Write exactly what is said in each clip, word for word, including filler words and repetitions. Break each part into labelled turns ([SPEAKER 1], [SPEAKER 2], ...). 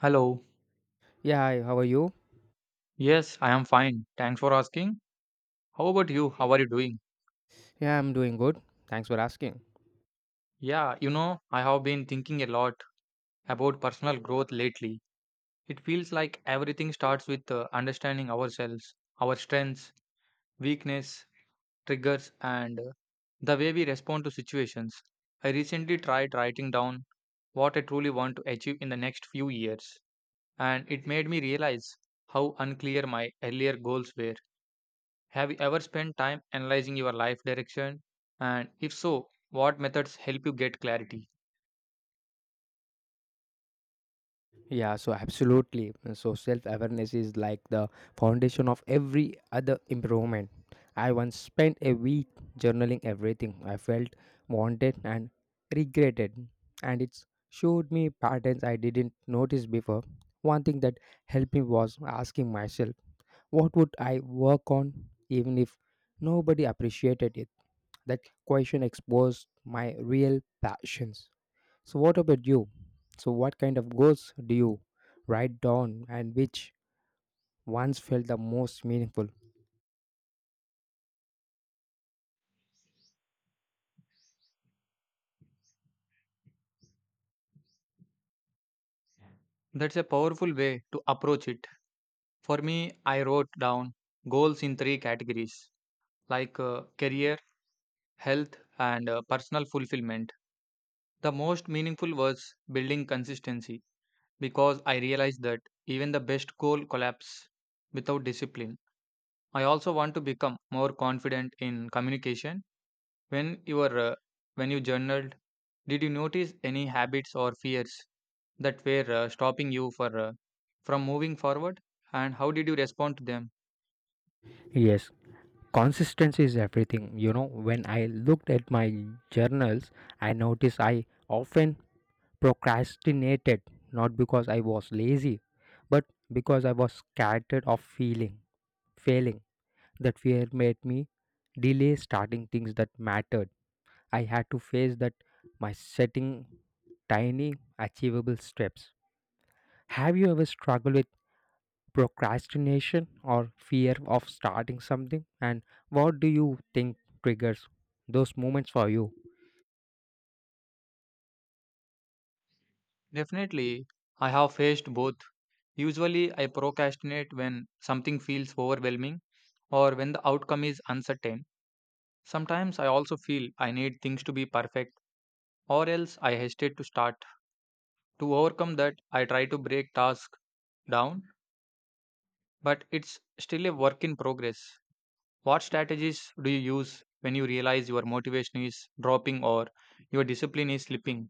[SPEAKER 1] Hello.
[SPEAKER 2] Yeah, hi, how are you?
[SPEAKER 1] Yes, I am fine. Thanks for asking. How about you? How are you doing?
[SPEAKER 2] Yeah, I'm doing good. Thanks for asking.
[SPEAKER 1] Yeah, you know, I have been thinking a lot about personal growth lately. It feels like everything starts with uh, understanding ourselves, our strengths, weakness, triggers, and uh, the way we respond to situations. I recently tried writing down what I truly want to achieve in the next few years, and it made me realize how unclear my earlier goals were. Have you ever spent time analyzing your life direction? And if so, what methods help you get clarity?
[SPEAKER 2] Yeah, so absolutely. So self awareness is like the foundation of every other improvement. I once spent a week journaling everything I felt, wanted, and regretted, and it showed me patterns I didn't notice before. One thing that helped me was asking myself, what would I work on even if nobody appreciated it? That question exposed my real passions. So, what about you? So, what kind of goals do you write down, and which ones felt the most meaningful?
[SPEAKER 1] That's a powerful way to approach it. For me, I wrote down goals in three categories like uh, career, health, and uh, personal fulfillment. The most meaningful was building consistency because I realized that even the best goal collapse without discipline. I also want to become more confident in communication. When you were uh, when you journaled, did you notice any habits or fears that were uh, stopping you for uh, from moving forward, and how did you respond to them?
[SPEAKER 2] Yes, consistency is everything. You know, when I looked at my journals, I noticed I often procrastinated, not because I was lazy, but because I was scared of feeling failing. That fear made me delay starting things that mattered. I had to face that my setting tiny achievable steps. Have you ever struggled with procrastination or fear of starting something? And what do you think triggers those moments for you?
[SPEAKER 1] Definitely, I have faced both. Usually, I procrastinate when something feels overwhelming or when the outcome is uncertain. Sometimes I also feel I need things to be perfect or else I hesitate to start. To overcome that, I try to break tasks down, but it's still a work in progress. What strategies do you use when you realize your motivation is dropping or your discipline is slipping?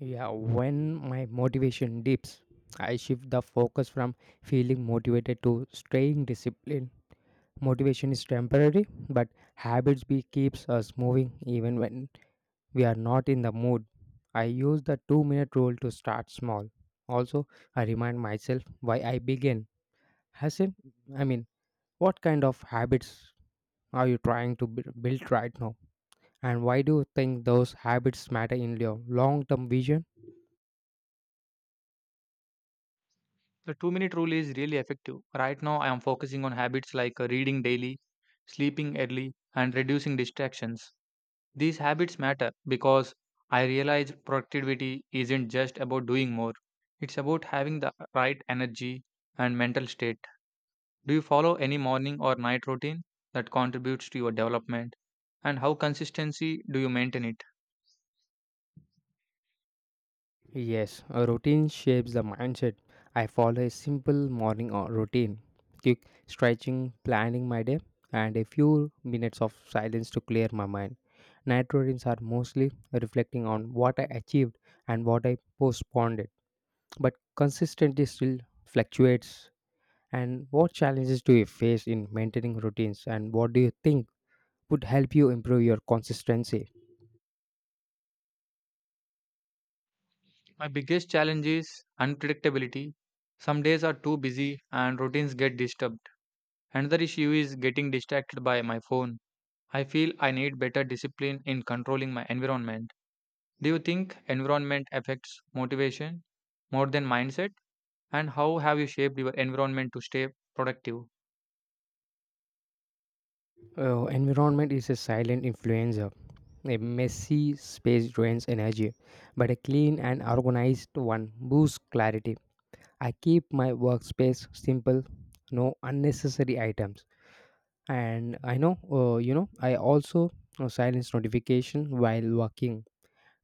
[SPEAKER 2] Yeah, when my motivation dips, I shift the focus from feeling motivated to staying disciplined. Motivation is temporary, but habits be keeps us moving even when we are not in the mood. I use the two minute rule to start small. Also, I remind myself why I began. Hasn't I mean What kind of habits are you trying to bu- build right now? And why do you think those habits matter in your long term vision?
[SPEAKER 1] The two minute rule is really effective. Right now, I am focusing on habits like uh, reading daily, sleeping early, and reducing distractions. These habits matter because I realize productivity isn't just about doing more, it's about having the right energy and mental state. Do you follow any morning or night routine that contributes to your development? And how consistency do you maintain it?
[SPEAKER 2] Yes, a routine shapes the mindset. I follow a simple morning or routine: quick stretching, planning my day, and a few minutes of silence to clear my mind. Night routines are mostly reflecting on what I achieved and what I postponed it, but consistency still fluctuates. And what challenges do you face in maintaining routines, and what do you think would help you improve your consistency?
[SPEAKER 1] My biggest challenge is unpredictability. Some days are too busy and routines get disturbed. Another issue is getting distracted by my phone. I feel I need better discipline in controlling my environment. Do you think environment affects motivation more than mindset? And how have you shaped your environment to stay productive?
[SPEAKER 2] Uh, environment is a silent influencer. A messy space drains energy, but a clean and organized one boosts clarity. I keep my workspace simple, no unnecessary items, and I know uh, you know I also uh, silence notification while working.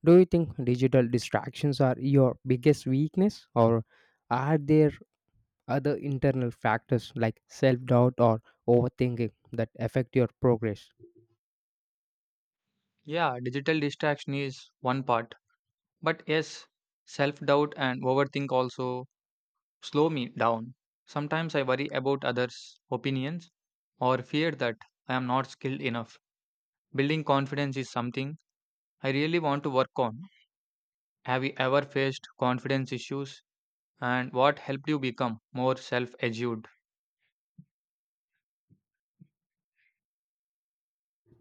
[SPEAKER 2] Do you think digital distractions are your biggest weakness, or are there other internal factors like self-doubt or overthinking that affect your progress?
[SPEAKER 1] Yeah, digital distraction is one part, but yes, self doubt and overthink also slow me down. Sometimes I worry about others' opinions or fear that I am not skilled enough. Building confidence is something I really want to work on. Have you ever faced confidence issues and what helped you become more self assured?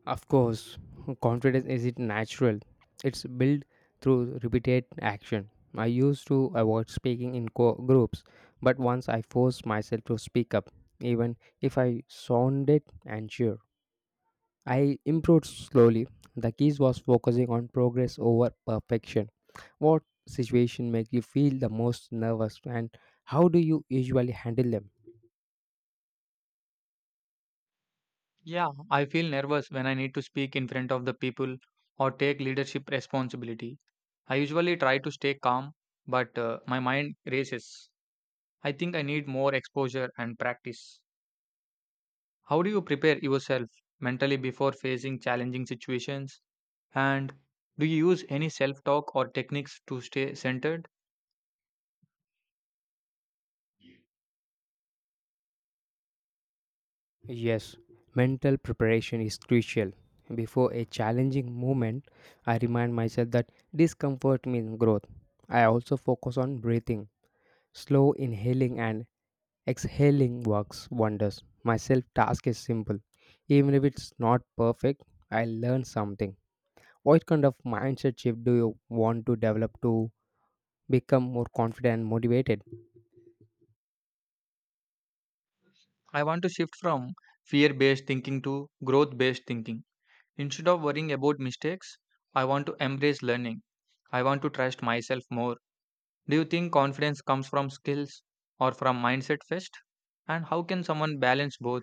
[SPEAKER 2] Of course, confidence isn't natural. It's built through repeated action. I used to avoid speaking in co- groups, but once I forced myself to speak up, even if I sounded unsure, I improved slowly. The key was focusing on progress over perfection. What situation make you feel the most nervous, and how do you usually handle them?
[SPEAKER 1] Yeah, I feel nervous when I need to speak in front of the people or take leadership responsibility. I usually try to stay calm, but uh, my mind races. I think I need more exposure and practice. How do you prepare yourself mentally before facing challenging situations? And do you use any self talk or techniques to stay centered?
[SPEAKER 2] Yes, mental preparation is crucial. Before a challenging moment, I remind myself that discomfort means growth. I also focus on breathing. Slow inhaling and exhaling works wonders. My self task is simple. Even if it's not perfect, I learn something. What kind of mindset shift do you want to develop to become more confident and motivated?
[SPEAKER 1] I want to shift from fear based thinking to growth based thinking. Instead of worrying about mistakes, I want to embrace learning. I want to trust myself more. Do you think confidence comes from skills or from mindset first? And how can someone balance both?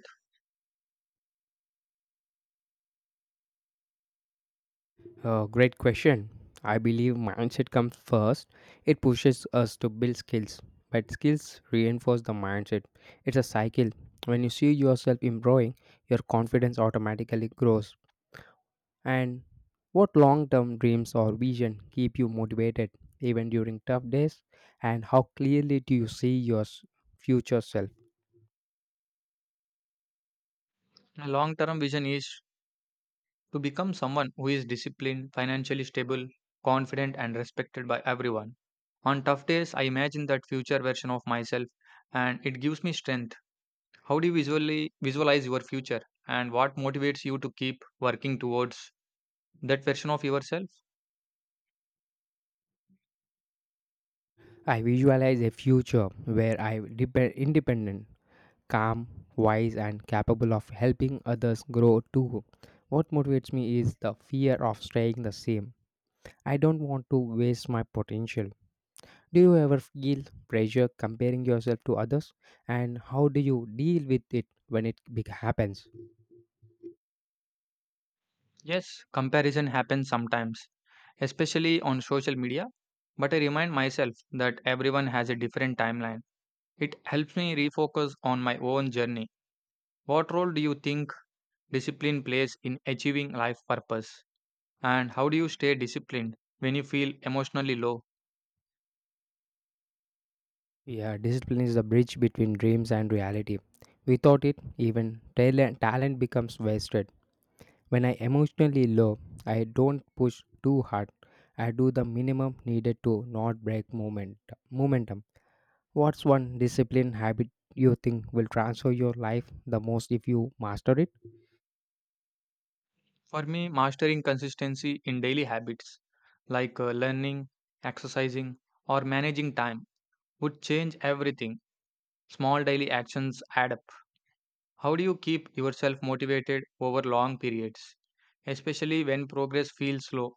[SPEAKER 2] Uh, great question. I believe mindset comes first. It pushes us to build skills, but skills reinforce the mindset. It's a cycle. When you see yourself improving, your confidence automatically grows. And what long term dreams or vision keep you motivated even during tough days? And how clearly do you see your s- future self?
[SPEAKER 1] My long term vision is to become someone who is disciplined, financially stable, confident, and respected by everyone. On tough days, I imagine that future version of myself and it gives me strength. How do you visually visualize your future and what motivates you to keep working towards that version of yourself?
[SPEAKER 2] I visualize a future where I am independent, calm, wise, and capable of helping others grow too. What motivates me is the fear of staying the same. I don't want to waste my potential. Do you ever feel pressure comparing yourself to others? And how do you deal with it when it big happens?
[SPEAKER 1] Yes, comparison happens sometimes, especially on social media, but I remind myself that everyone has a different timeline. It helps me refocus on my own journey. What role do you think discipline plays in achieving life purpose, and how do you stay disciplined when you feel emotionally low?
[SPEAKER 2] Yeah, discipline is the bridge between dreams and reality. Without it, even talent, talent becomes wasted. When I emotionally low, I don't push too hard. I do the minimum needed to not break moment momentum. What's one discipline habit you think will transfer your life the most if you master it?
[SPEAKER 1] For me, mastering consistency in daily habits like uh, learning, exercising, or managing time would change everything. Small daily actions add up. How do you keep yourself motivated over long periods, especially when progress feels slow?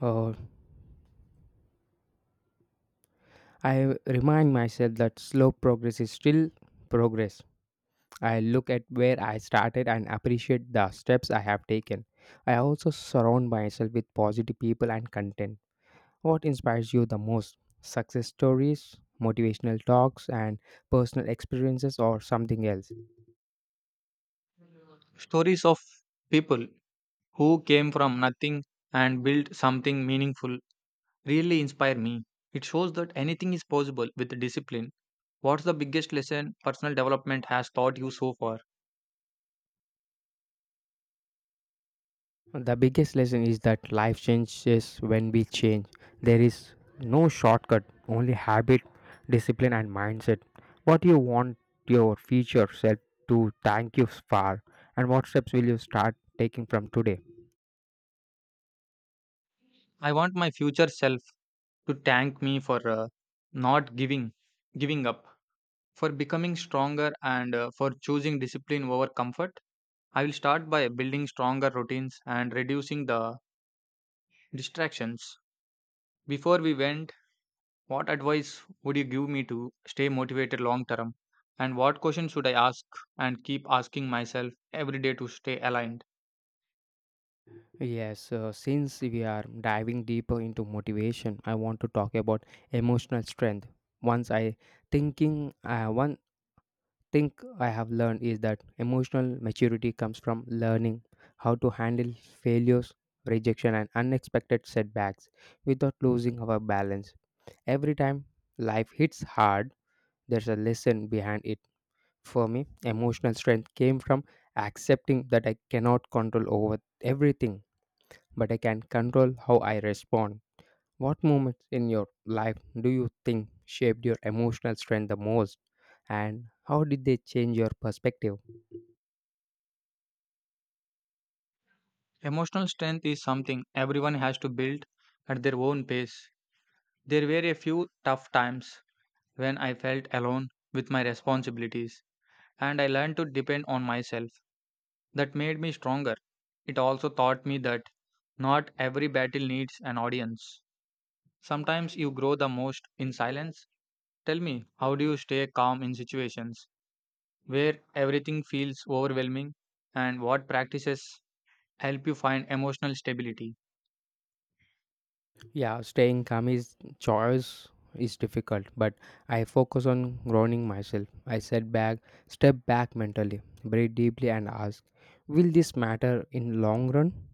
[SPEAKER 2] Uh, I remind myself that slow progress is still progress. I look at where I started and appreciate the steps I have taken. I also surround myself with positive people and content. What inspires you the most? Success stories, motivational talks, and personal experiences, or something else?
[SPEAKER 1] Stories of people who came from nothing and built something meaningful really inspire me. It shows that anything is possible with discipline. What's the biggest lesson personal development has taught you so far?
[SPEAKER 2] The biggest lesson is that life changes when we change. There is no shortcut, only habit, discipline, and mindset. What you want your future self to thank you for, and what steps will you start taking from today?
[SPEAKER 1] I want my future self to thank me for uh, not giving giving up, for becoming stronger and uh, for choosing discipline over comfort. I will start by building stronger routines and reducing the distractions. Before we went, what advice would you give me to stay motivated long term? And what questions should I ask and keep asking myself every day to stay aligned?
[SPEAKER 2] Yes, uh, since we are diving deeper into motivation, I want to talk about emotional strength. Once I thinking, uh, One thing I have learned is that emotional maturity comes from learning how to handle failures, rejection, and unexpected setbacks without losing our balance. Every time life hits hard, there's a lesson behind it. For me, emotional strength came from accepting that I cannot control over everything, but I can control how I respond. What moments in your life do you think shaped your emotional strength the most, and how did they change your perspective?
[SPEAKER 1] Emotional strength is something everyone has to build at their own pace. There were a few tough times when I felt alone with my responsibilities, and I learned to depend on myself. That made me stronger. It also taught me that not every battle needs an audience. Sometimes you grow the most in silence. Tell me, how do you stay calm in situations where everything feels overwhelming, and what practices help you find emotional stability?
[SPEAKER 2] Yeah, staying calm is choice is difficult, but I focus on grounding myself. I set back, step back mentally, breathe deeply and ask, will this matter in long run?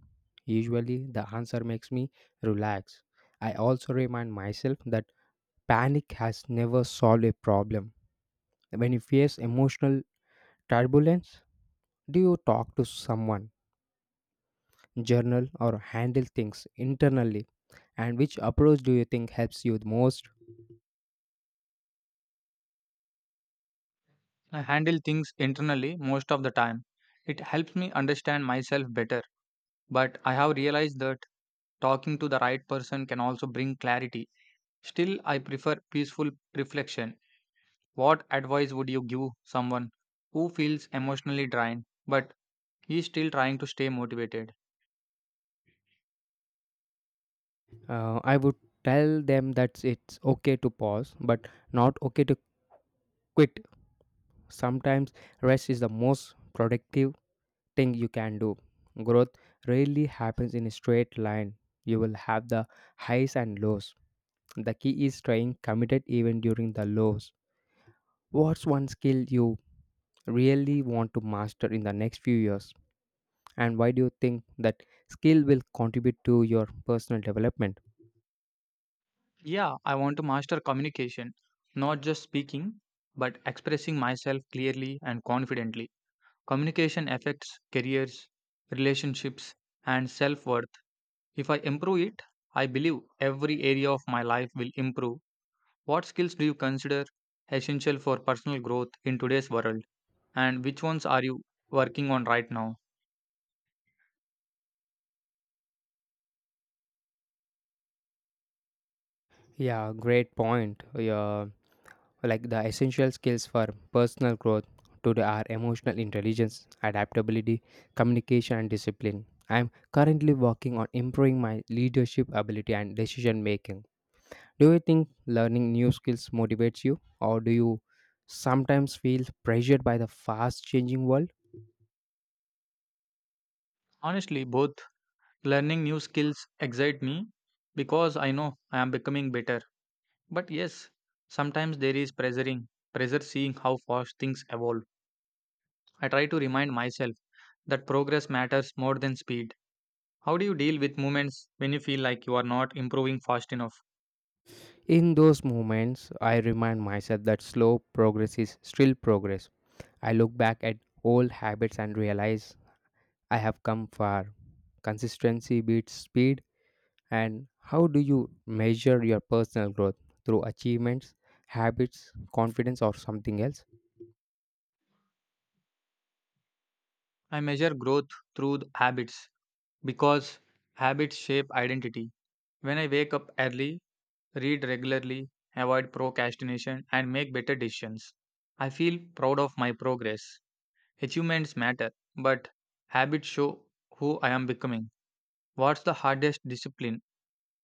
[SPEAKER 2] Usually the answer makes me relax. I also remind myself that panic has never solved a problem. When you face emotional turbulence, do you talk to someone, journal or handle things internally? And which approach do you think helps you the most?
[SPEAKER 1] I handle things internally most of the time. It helps me understand myself better, but I have realized that talking to the right person can also bring clarity. Still, I prefer peaceful reflection. What advice would you give someone who feels emotionally drained but is still trying to stay motivated?
[SPEAKER 2] Uh, I would tell them that it's okay to pause, but not okay to quit. Sometimes rest is the most productive thing you can do. Growth rarely happens in a straight line. You will have the highs and lows. The key is staying committed even during the lows. What's one skill you really want to master in the next few years? And why do you think that skill will contribute to your personal development?
[SPEAKER 1] Yeah, I want to master communication, not just speaking, but expressing myself clearly and confidently. Communication affects careers, relationships, and self worth. If I improve it, I believe every area of my life will improve. What skills do you consider essential for personal growth in today's world, and which ones are you working on right now?
[SPEAKER 2] Yeah, great point. Yeah, like the essential skills for personal growth today are emotional intelligence, adaptability, communication, and discipline. I am currently working on improving my leadership ability and decision making. Do you think learning new skills motivates you, or do you sometimes feel pressured by the fast changing world?
[SPEAKER 1] Honestly, both. Learning new skills excite me because I know I am becoming better. But yes, sometimes there is pressuring, pressure seeing how fast things evolve. I try to remind myself that progress matters more than speed. How do you deal with moments when you feel like you are not improving fast enough?
[SPEAKER 2] In those moments, I remind myself that slow progress is still progress. I look back at old habits and realize I have come far. Consistency beats speed. And how do you measure your personal growth through achievements, habits, confidence, or something else?
[SPEAKER 1] I measure growth through the habits because habits shape identity. When I wake up early, read regularly, avoid procrastination, and make better decisions, I feel proud of my progress. Achievements matter, but habits show who I am becoming. What's the hardest discipline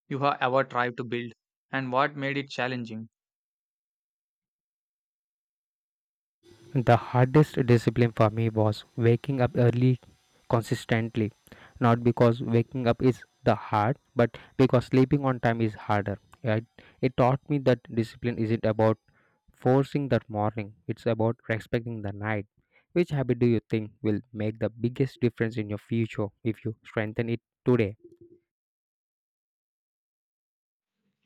[SPEAKER 1] you have ever tried to build, and what made it challenging?
[SPEAKER 2] The hardest discipline for me was waking up early consistently. Not because waking up is the hard, but because sleeping on time is harder. It, it taught me that discipline isn't about forcing the morning, it's about respecting the night. Which habit do you think will make the biggest difference in your future if you strengthen it today?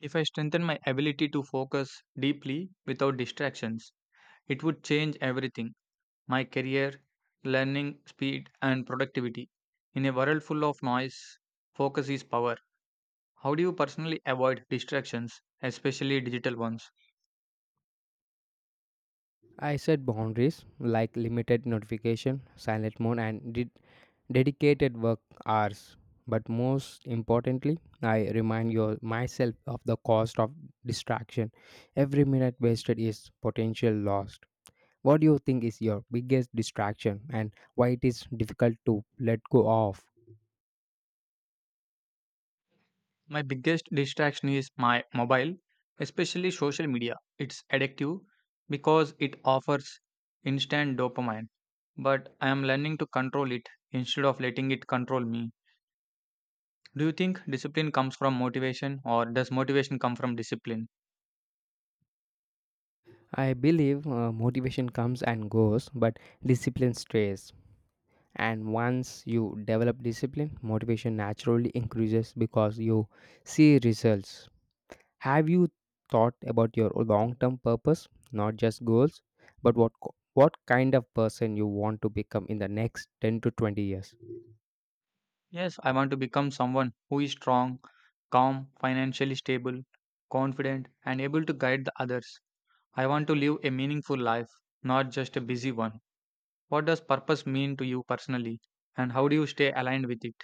[SPEAKER 1] If I strengthen my ability to focus deeply without distractions, it would change everything: my career, learning, speed, and productivity. In a world full of noise, focus is power. How do you personally avoid distractions, especially digital ones?
[SPEAKER 2] I set boundaries like limited notification, silent mode, and did dedicated work hours. But most importantly, I remind your, myself of the cost of distraction. Every minute wasted is potential lost. What do you think is your biggest distraction and why it is difficult to let go of?
[SPEAKER 1] My biggest distraction is my mobile, especially social media. It's addictive because it offers instant dopamine, but I am learning to control it instead of letting it control me. Do you think discipline comes from motivation or does motivation come from discipline?
[SPEAKER 2] I believe uh, motivation comes and goes, but discipline stays. And once you develop discipline, motivation naturally increases because you see results. Have you thought about your long-term purpose, not just goals, but what co- what kind of person you want to become in the next ten to twenty years?
[SPEAKER 1] Yes, I want to become someone who is strong, calm, financially stable, confident, and able to guide the others. I want to live a meaningful life, not just a busy one. What does purpose mean to you personally, and how do you stay aligned with it?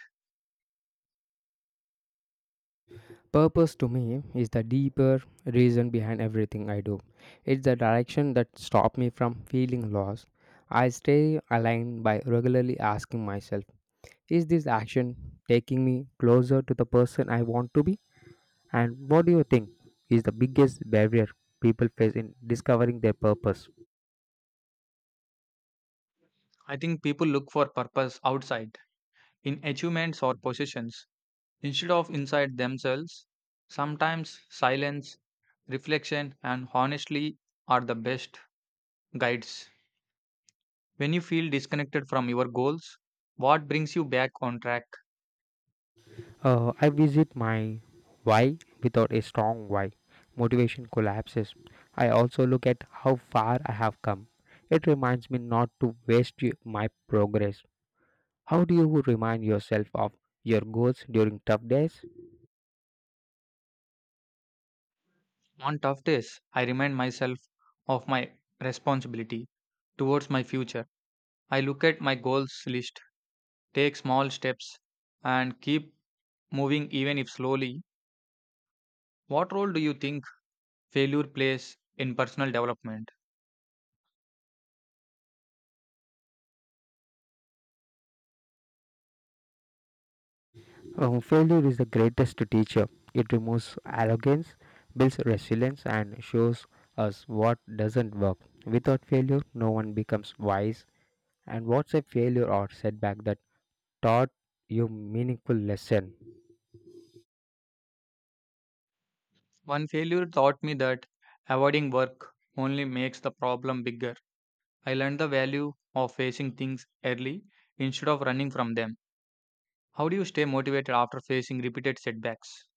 [SPEAKER 2] Purpose to me is the deeper reason behind everything I do. It's the direction that stops me from feeling lost. I stay aligned by regularly asking myself, is this action taking me closer to the person I want to be? And what do you think is the biggest barrier people face in discovering their purpose?
[SPEAKER 1] I think people look for purpose outside, in achievements or positions, instead of inside themselves. Sometimes silence, reflection, and honestly are the best guides. When you feel disconnected from your goals, what brings you back on track?
[SPEAKER 2] Uh, I visit my why. Without a strong why, motivation collapses. I also look at how far I have come. It reminds me not to waste y- my progress. How do you remind yourself of your goals during tough days?
[SPEAKER 1] On tough days, I remind myself of my responsibility towards my future. I look at my goals list, take small steps, and keep moving even if slowly. What role do you think failure plays in personal development?
[SPEAKER 2] Uh, failure is the greatest teacher. It removes arrogance, builds resilience, and shows us what doesn't work. Without failure, no one becomes wise. And what's a failure or setback that taught you meaningful lesson?
[SPEAKER 1] One failure taught me that avoiding work only makes the problem bigger. I learned the value of facing things early instead of running from them. How do you stay motivated after facing repeated setbacks?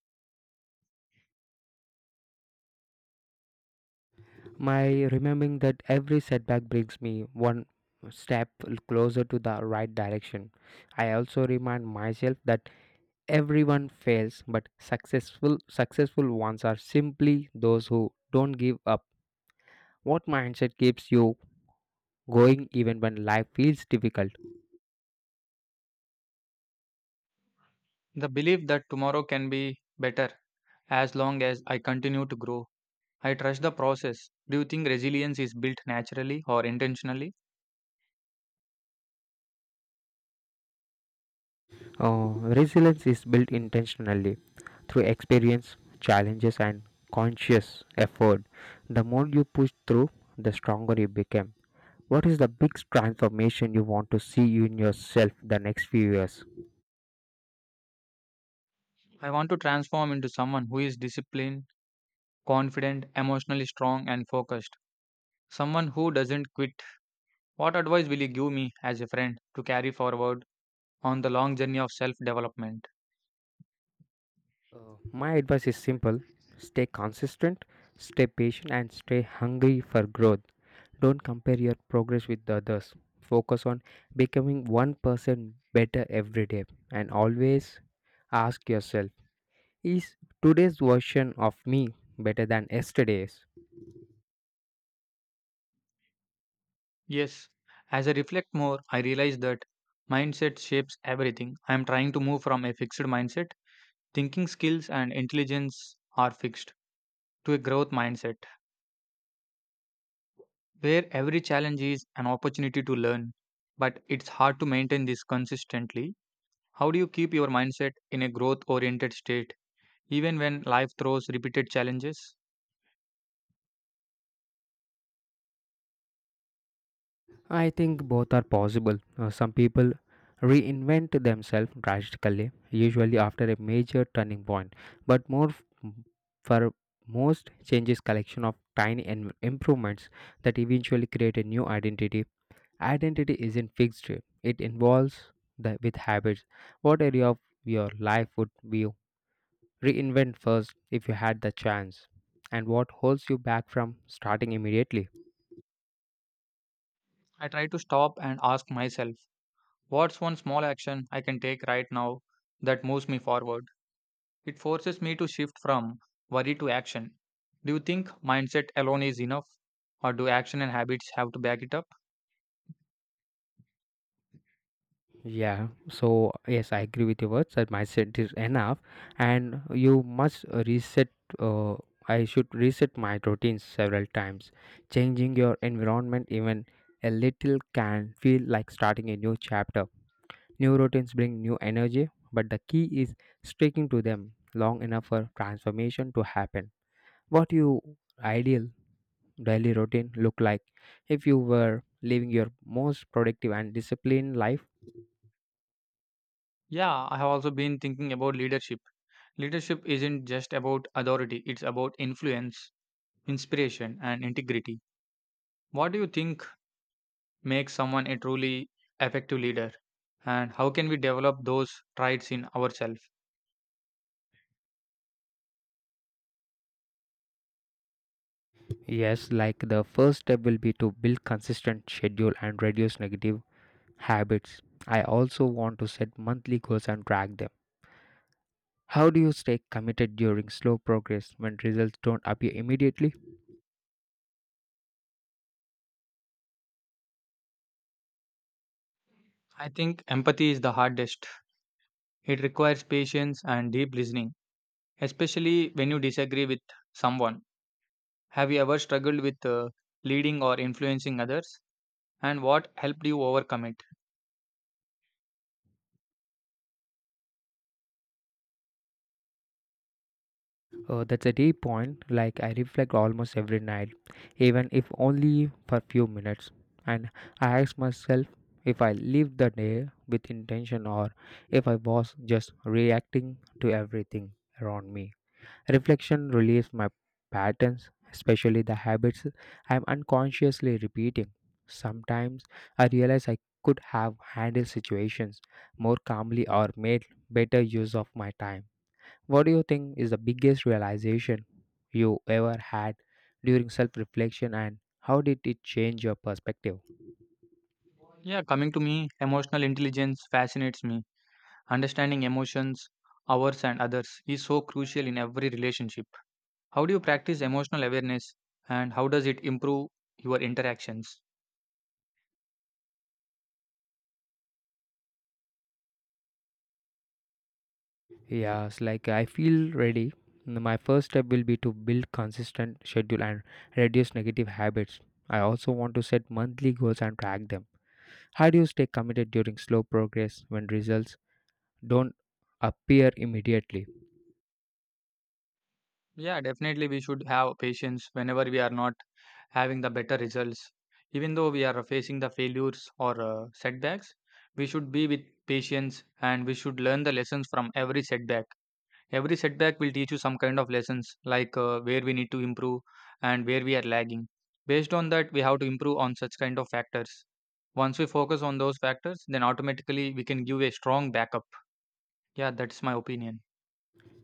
[SPEAKER 2] My remembering that every setback brings me one step closer to the right direction. I also remind myself that everyone fails, but successful successful ones are simply those who don't give up. What mindset keeps you going even when life feels difficult?
[SPEAKER 1] The belief that tomorrow can be better as long as I continue to grow. I trust the process. Do you think resilience is built naturally or intentionally?
[SPEAKER 2] Uh, Resilience is built intentionally through experience, challenges, and conscious effort. The more you push through, the stronger you become. What is the biggest transformation you want to see in yourself the next few years?
[SPEAKER 1] I want to transform into someone who is disciplined, confident, emotionally strong, and focused. Someone who doesn't quit. What advice will you give me as a friend to carry forward on the long journey of self development?
[SPEAKER 2] Uh, my advice is simple: stay consistent, stay patient, and stay hungry for growth. Don't compare your progress with the others. Focus on becoming one percent better every day, and always ask yourself, is today's version of me better than yesterday's?
[SPEAKER 1] Yes, as I reflect more, I realize that mindset shapes everything. I am trying to move from a fixed mindset, thinking skills and intelligence are fixed, to a growth mindset, where every challenge is an opportunity to learn. But it's hard to maintain this consistently. How do you keep your mindset in a growth oriented state, even when life throws repeated challenges?
[SPEAKER 2] I think both are possible. Uh, some people reinvent themselves drastically, usually after a major turning point, but more f- for most changes collection of tiny en- improvements that eventually create a new identity. Identity isn't fixed; it involves the with habits. What area of your life would be Reinvent first if you had the chance? And what holds you back from starting immediately?
[SPEAKER 1] I try to stop and ask myself, what's one small action I can take right now that moves me forward? It forces me to shift from worry to action. Do you think mindset alone is enough? Or do action and habits have to back it up?
[SPEAKER 2] Yeah, so yes, I agree with your words that mindset is enough, and you must reset. Uh, I should reset my routines several times. Changing your environment even a little can feel like starting a new chapter. New routines bring new energy, but the key is sticking to them long enough for transformation to happen. What you ideal daily routine look like if you were living your most productive and disciplined life?
[SPEAKER 1] Yeah, I have also been thinking about leadership. Leadership isn't just about authority, it's about influence, inspiration, and integrity. What do you think make someone a truly effective leader? And how can we develop those traits in ourselves?
[SPEAKER 2] Yes, like the first step will be to build consistent schedule and reduce negative habits. I also want to set monthly goals and track them. How do you stay committed during slow progress when results don't appear immediately?
[SPEAKER 1] I think empathy is the hardest. It requires patience and deep listening, especially when you disagree with someone. Have you ever struggled with uh, leading or influencing others? And what helped you overcome it?
[SPEAKER 2] Uh, that's a deep point. Like I reflect almost every night, even if only for few minutes, and I ask myself if I lived the day with intention or if I was just reacting to everything around me. Reflection relieves my patterns, especially the habits I'm unconsciously repeating. Sometimes I realize I could have handled situations more calmly or made better use of my time. What do you think is the biggest realization you ever had during self reflection, and how did it change your perspective?
[SPEAKER 1] Yeah, coming to me, emotional intelligence fascinates me. Understanding emotions, ours, and others is so crucial in every relationship. How do you practice emotional awareness and how does it improve your interactions?
[SPEAKER 2] Yes, like I feel ready. My first step will be to build consistent schedule and reduce negative habits. I also want to set monthly goals and track them. How do you stay committed during slow progress when results don't appear immediately?
[SPEAKER 1] Yeah, definitely we should have patience whenever we are not having the better results. Even though we are facing the failures or uh, setbacks, we should be with patience and we should learn the lessons from every setback. Every setback will teach you some kind of lessons like uh, where we need to improve and where we are lagging. Based on that, we have to improve on such kind of factors. Once we focus on those factors, then automatically we can give a strong backup. Yeah, that's my opinion.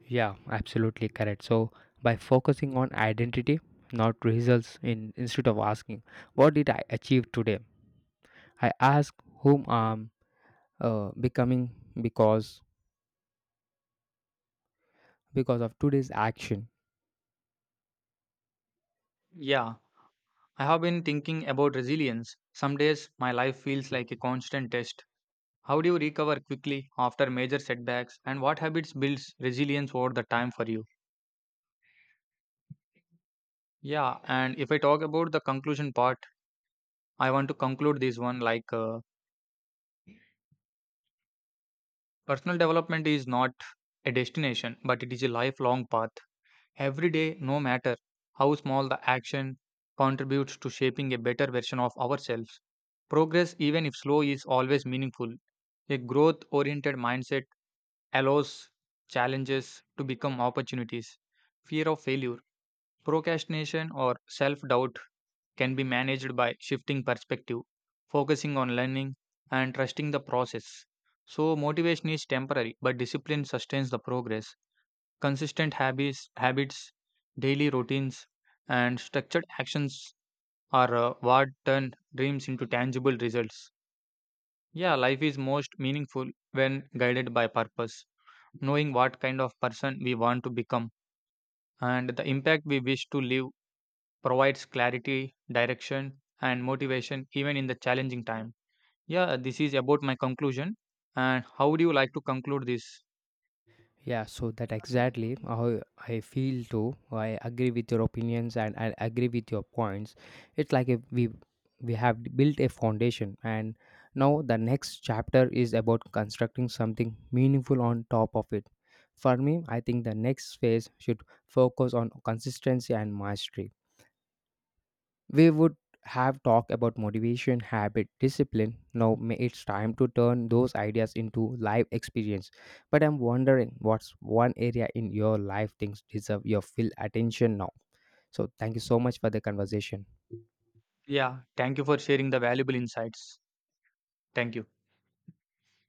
[SPEAKER 2] Yeah, absolutely correct. So by focusing on identity, not results, in instead of asking what did I achieve today, I ask whom I'm uh, becoming because because of today's action.
[SPEAKER 1] Yeah, I have been thinking about resilience. Some days my life feels like a constant test. How do you recover quickly after major setbacks, and what habits builds resilience over the time for you? Yeah, and if I talk about the conclusion part, I want to conclude this one like uh, personal development is not a destination, but it is a lifelong path. Every day, no matter how small the action, contributes to shaping a better version of ourselves. Progress, even if slow, is always meaningful. A growth oriented mindset allows challenges to become opportunities. Fear of failure, procrastination, or self doubt can be managed by shifting perspective, focusing on learning, and trusting the process. So, motivation is temporary, but discipline sustains the progress. Consistent habits, habits, daily routines, and structured actions are uh, what turn dreams into tangible results. Yeah, life is most meaningful when guided by purpose. Knowing what kind of person we want to become and the impact we wish to leave provides clarity, direction, and motivation even in the challenging time. Yeah, this is about my conclusion. And how would you like to conclude this?
[SPEAKER 2] Yeah, so that exactly how I feel too. I agree with your opinions and I agree with your points. It's like if we we have built a foundation, and now the next chapter is about constructing something meaningful on top of it. For me, I think the next phase should focus on consistency and mastery. We would have talked about motivation, habit, discipline. Now ma- it's time to turn those ideas into live experience. But I'm wondering, what's one area in your life things deserve your full attention now. So thank you so much for the conversation.
[SPEAKER 1] Yeah, thank you for sharing the valuable insights. Thank you.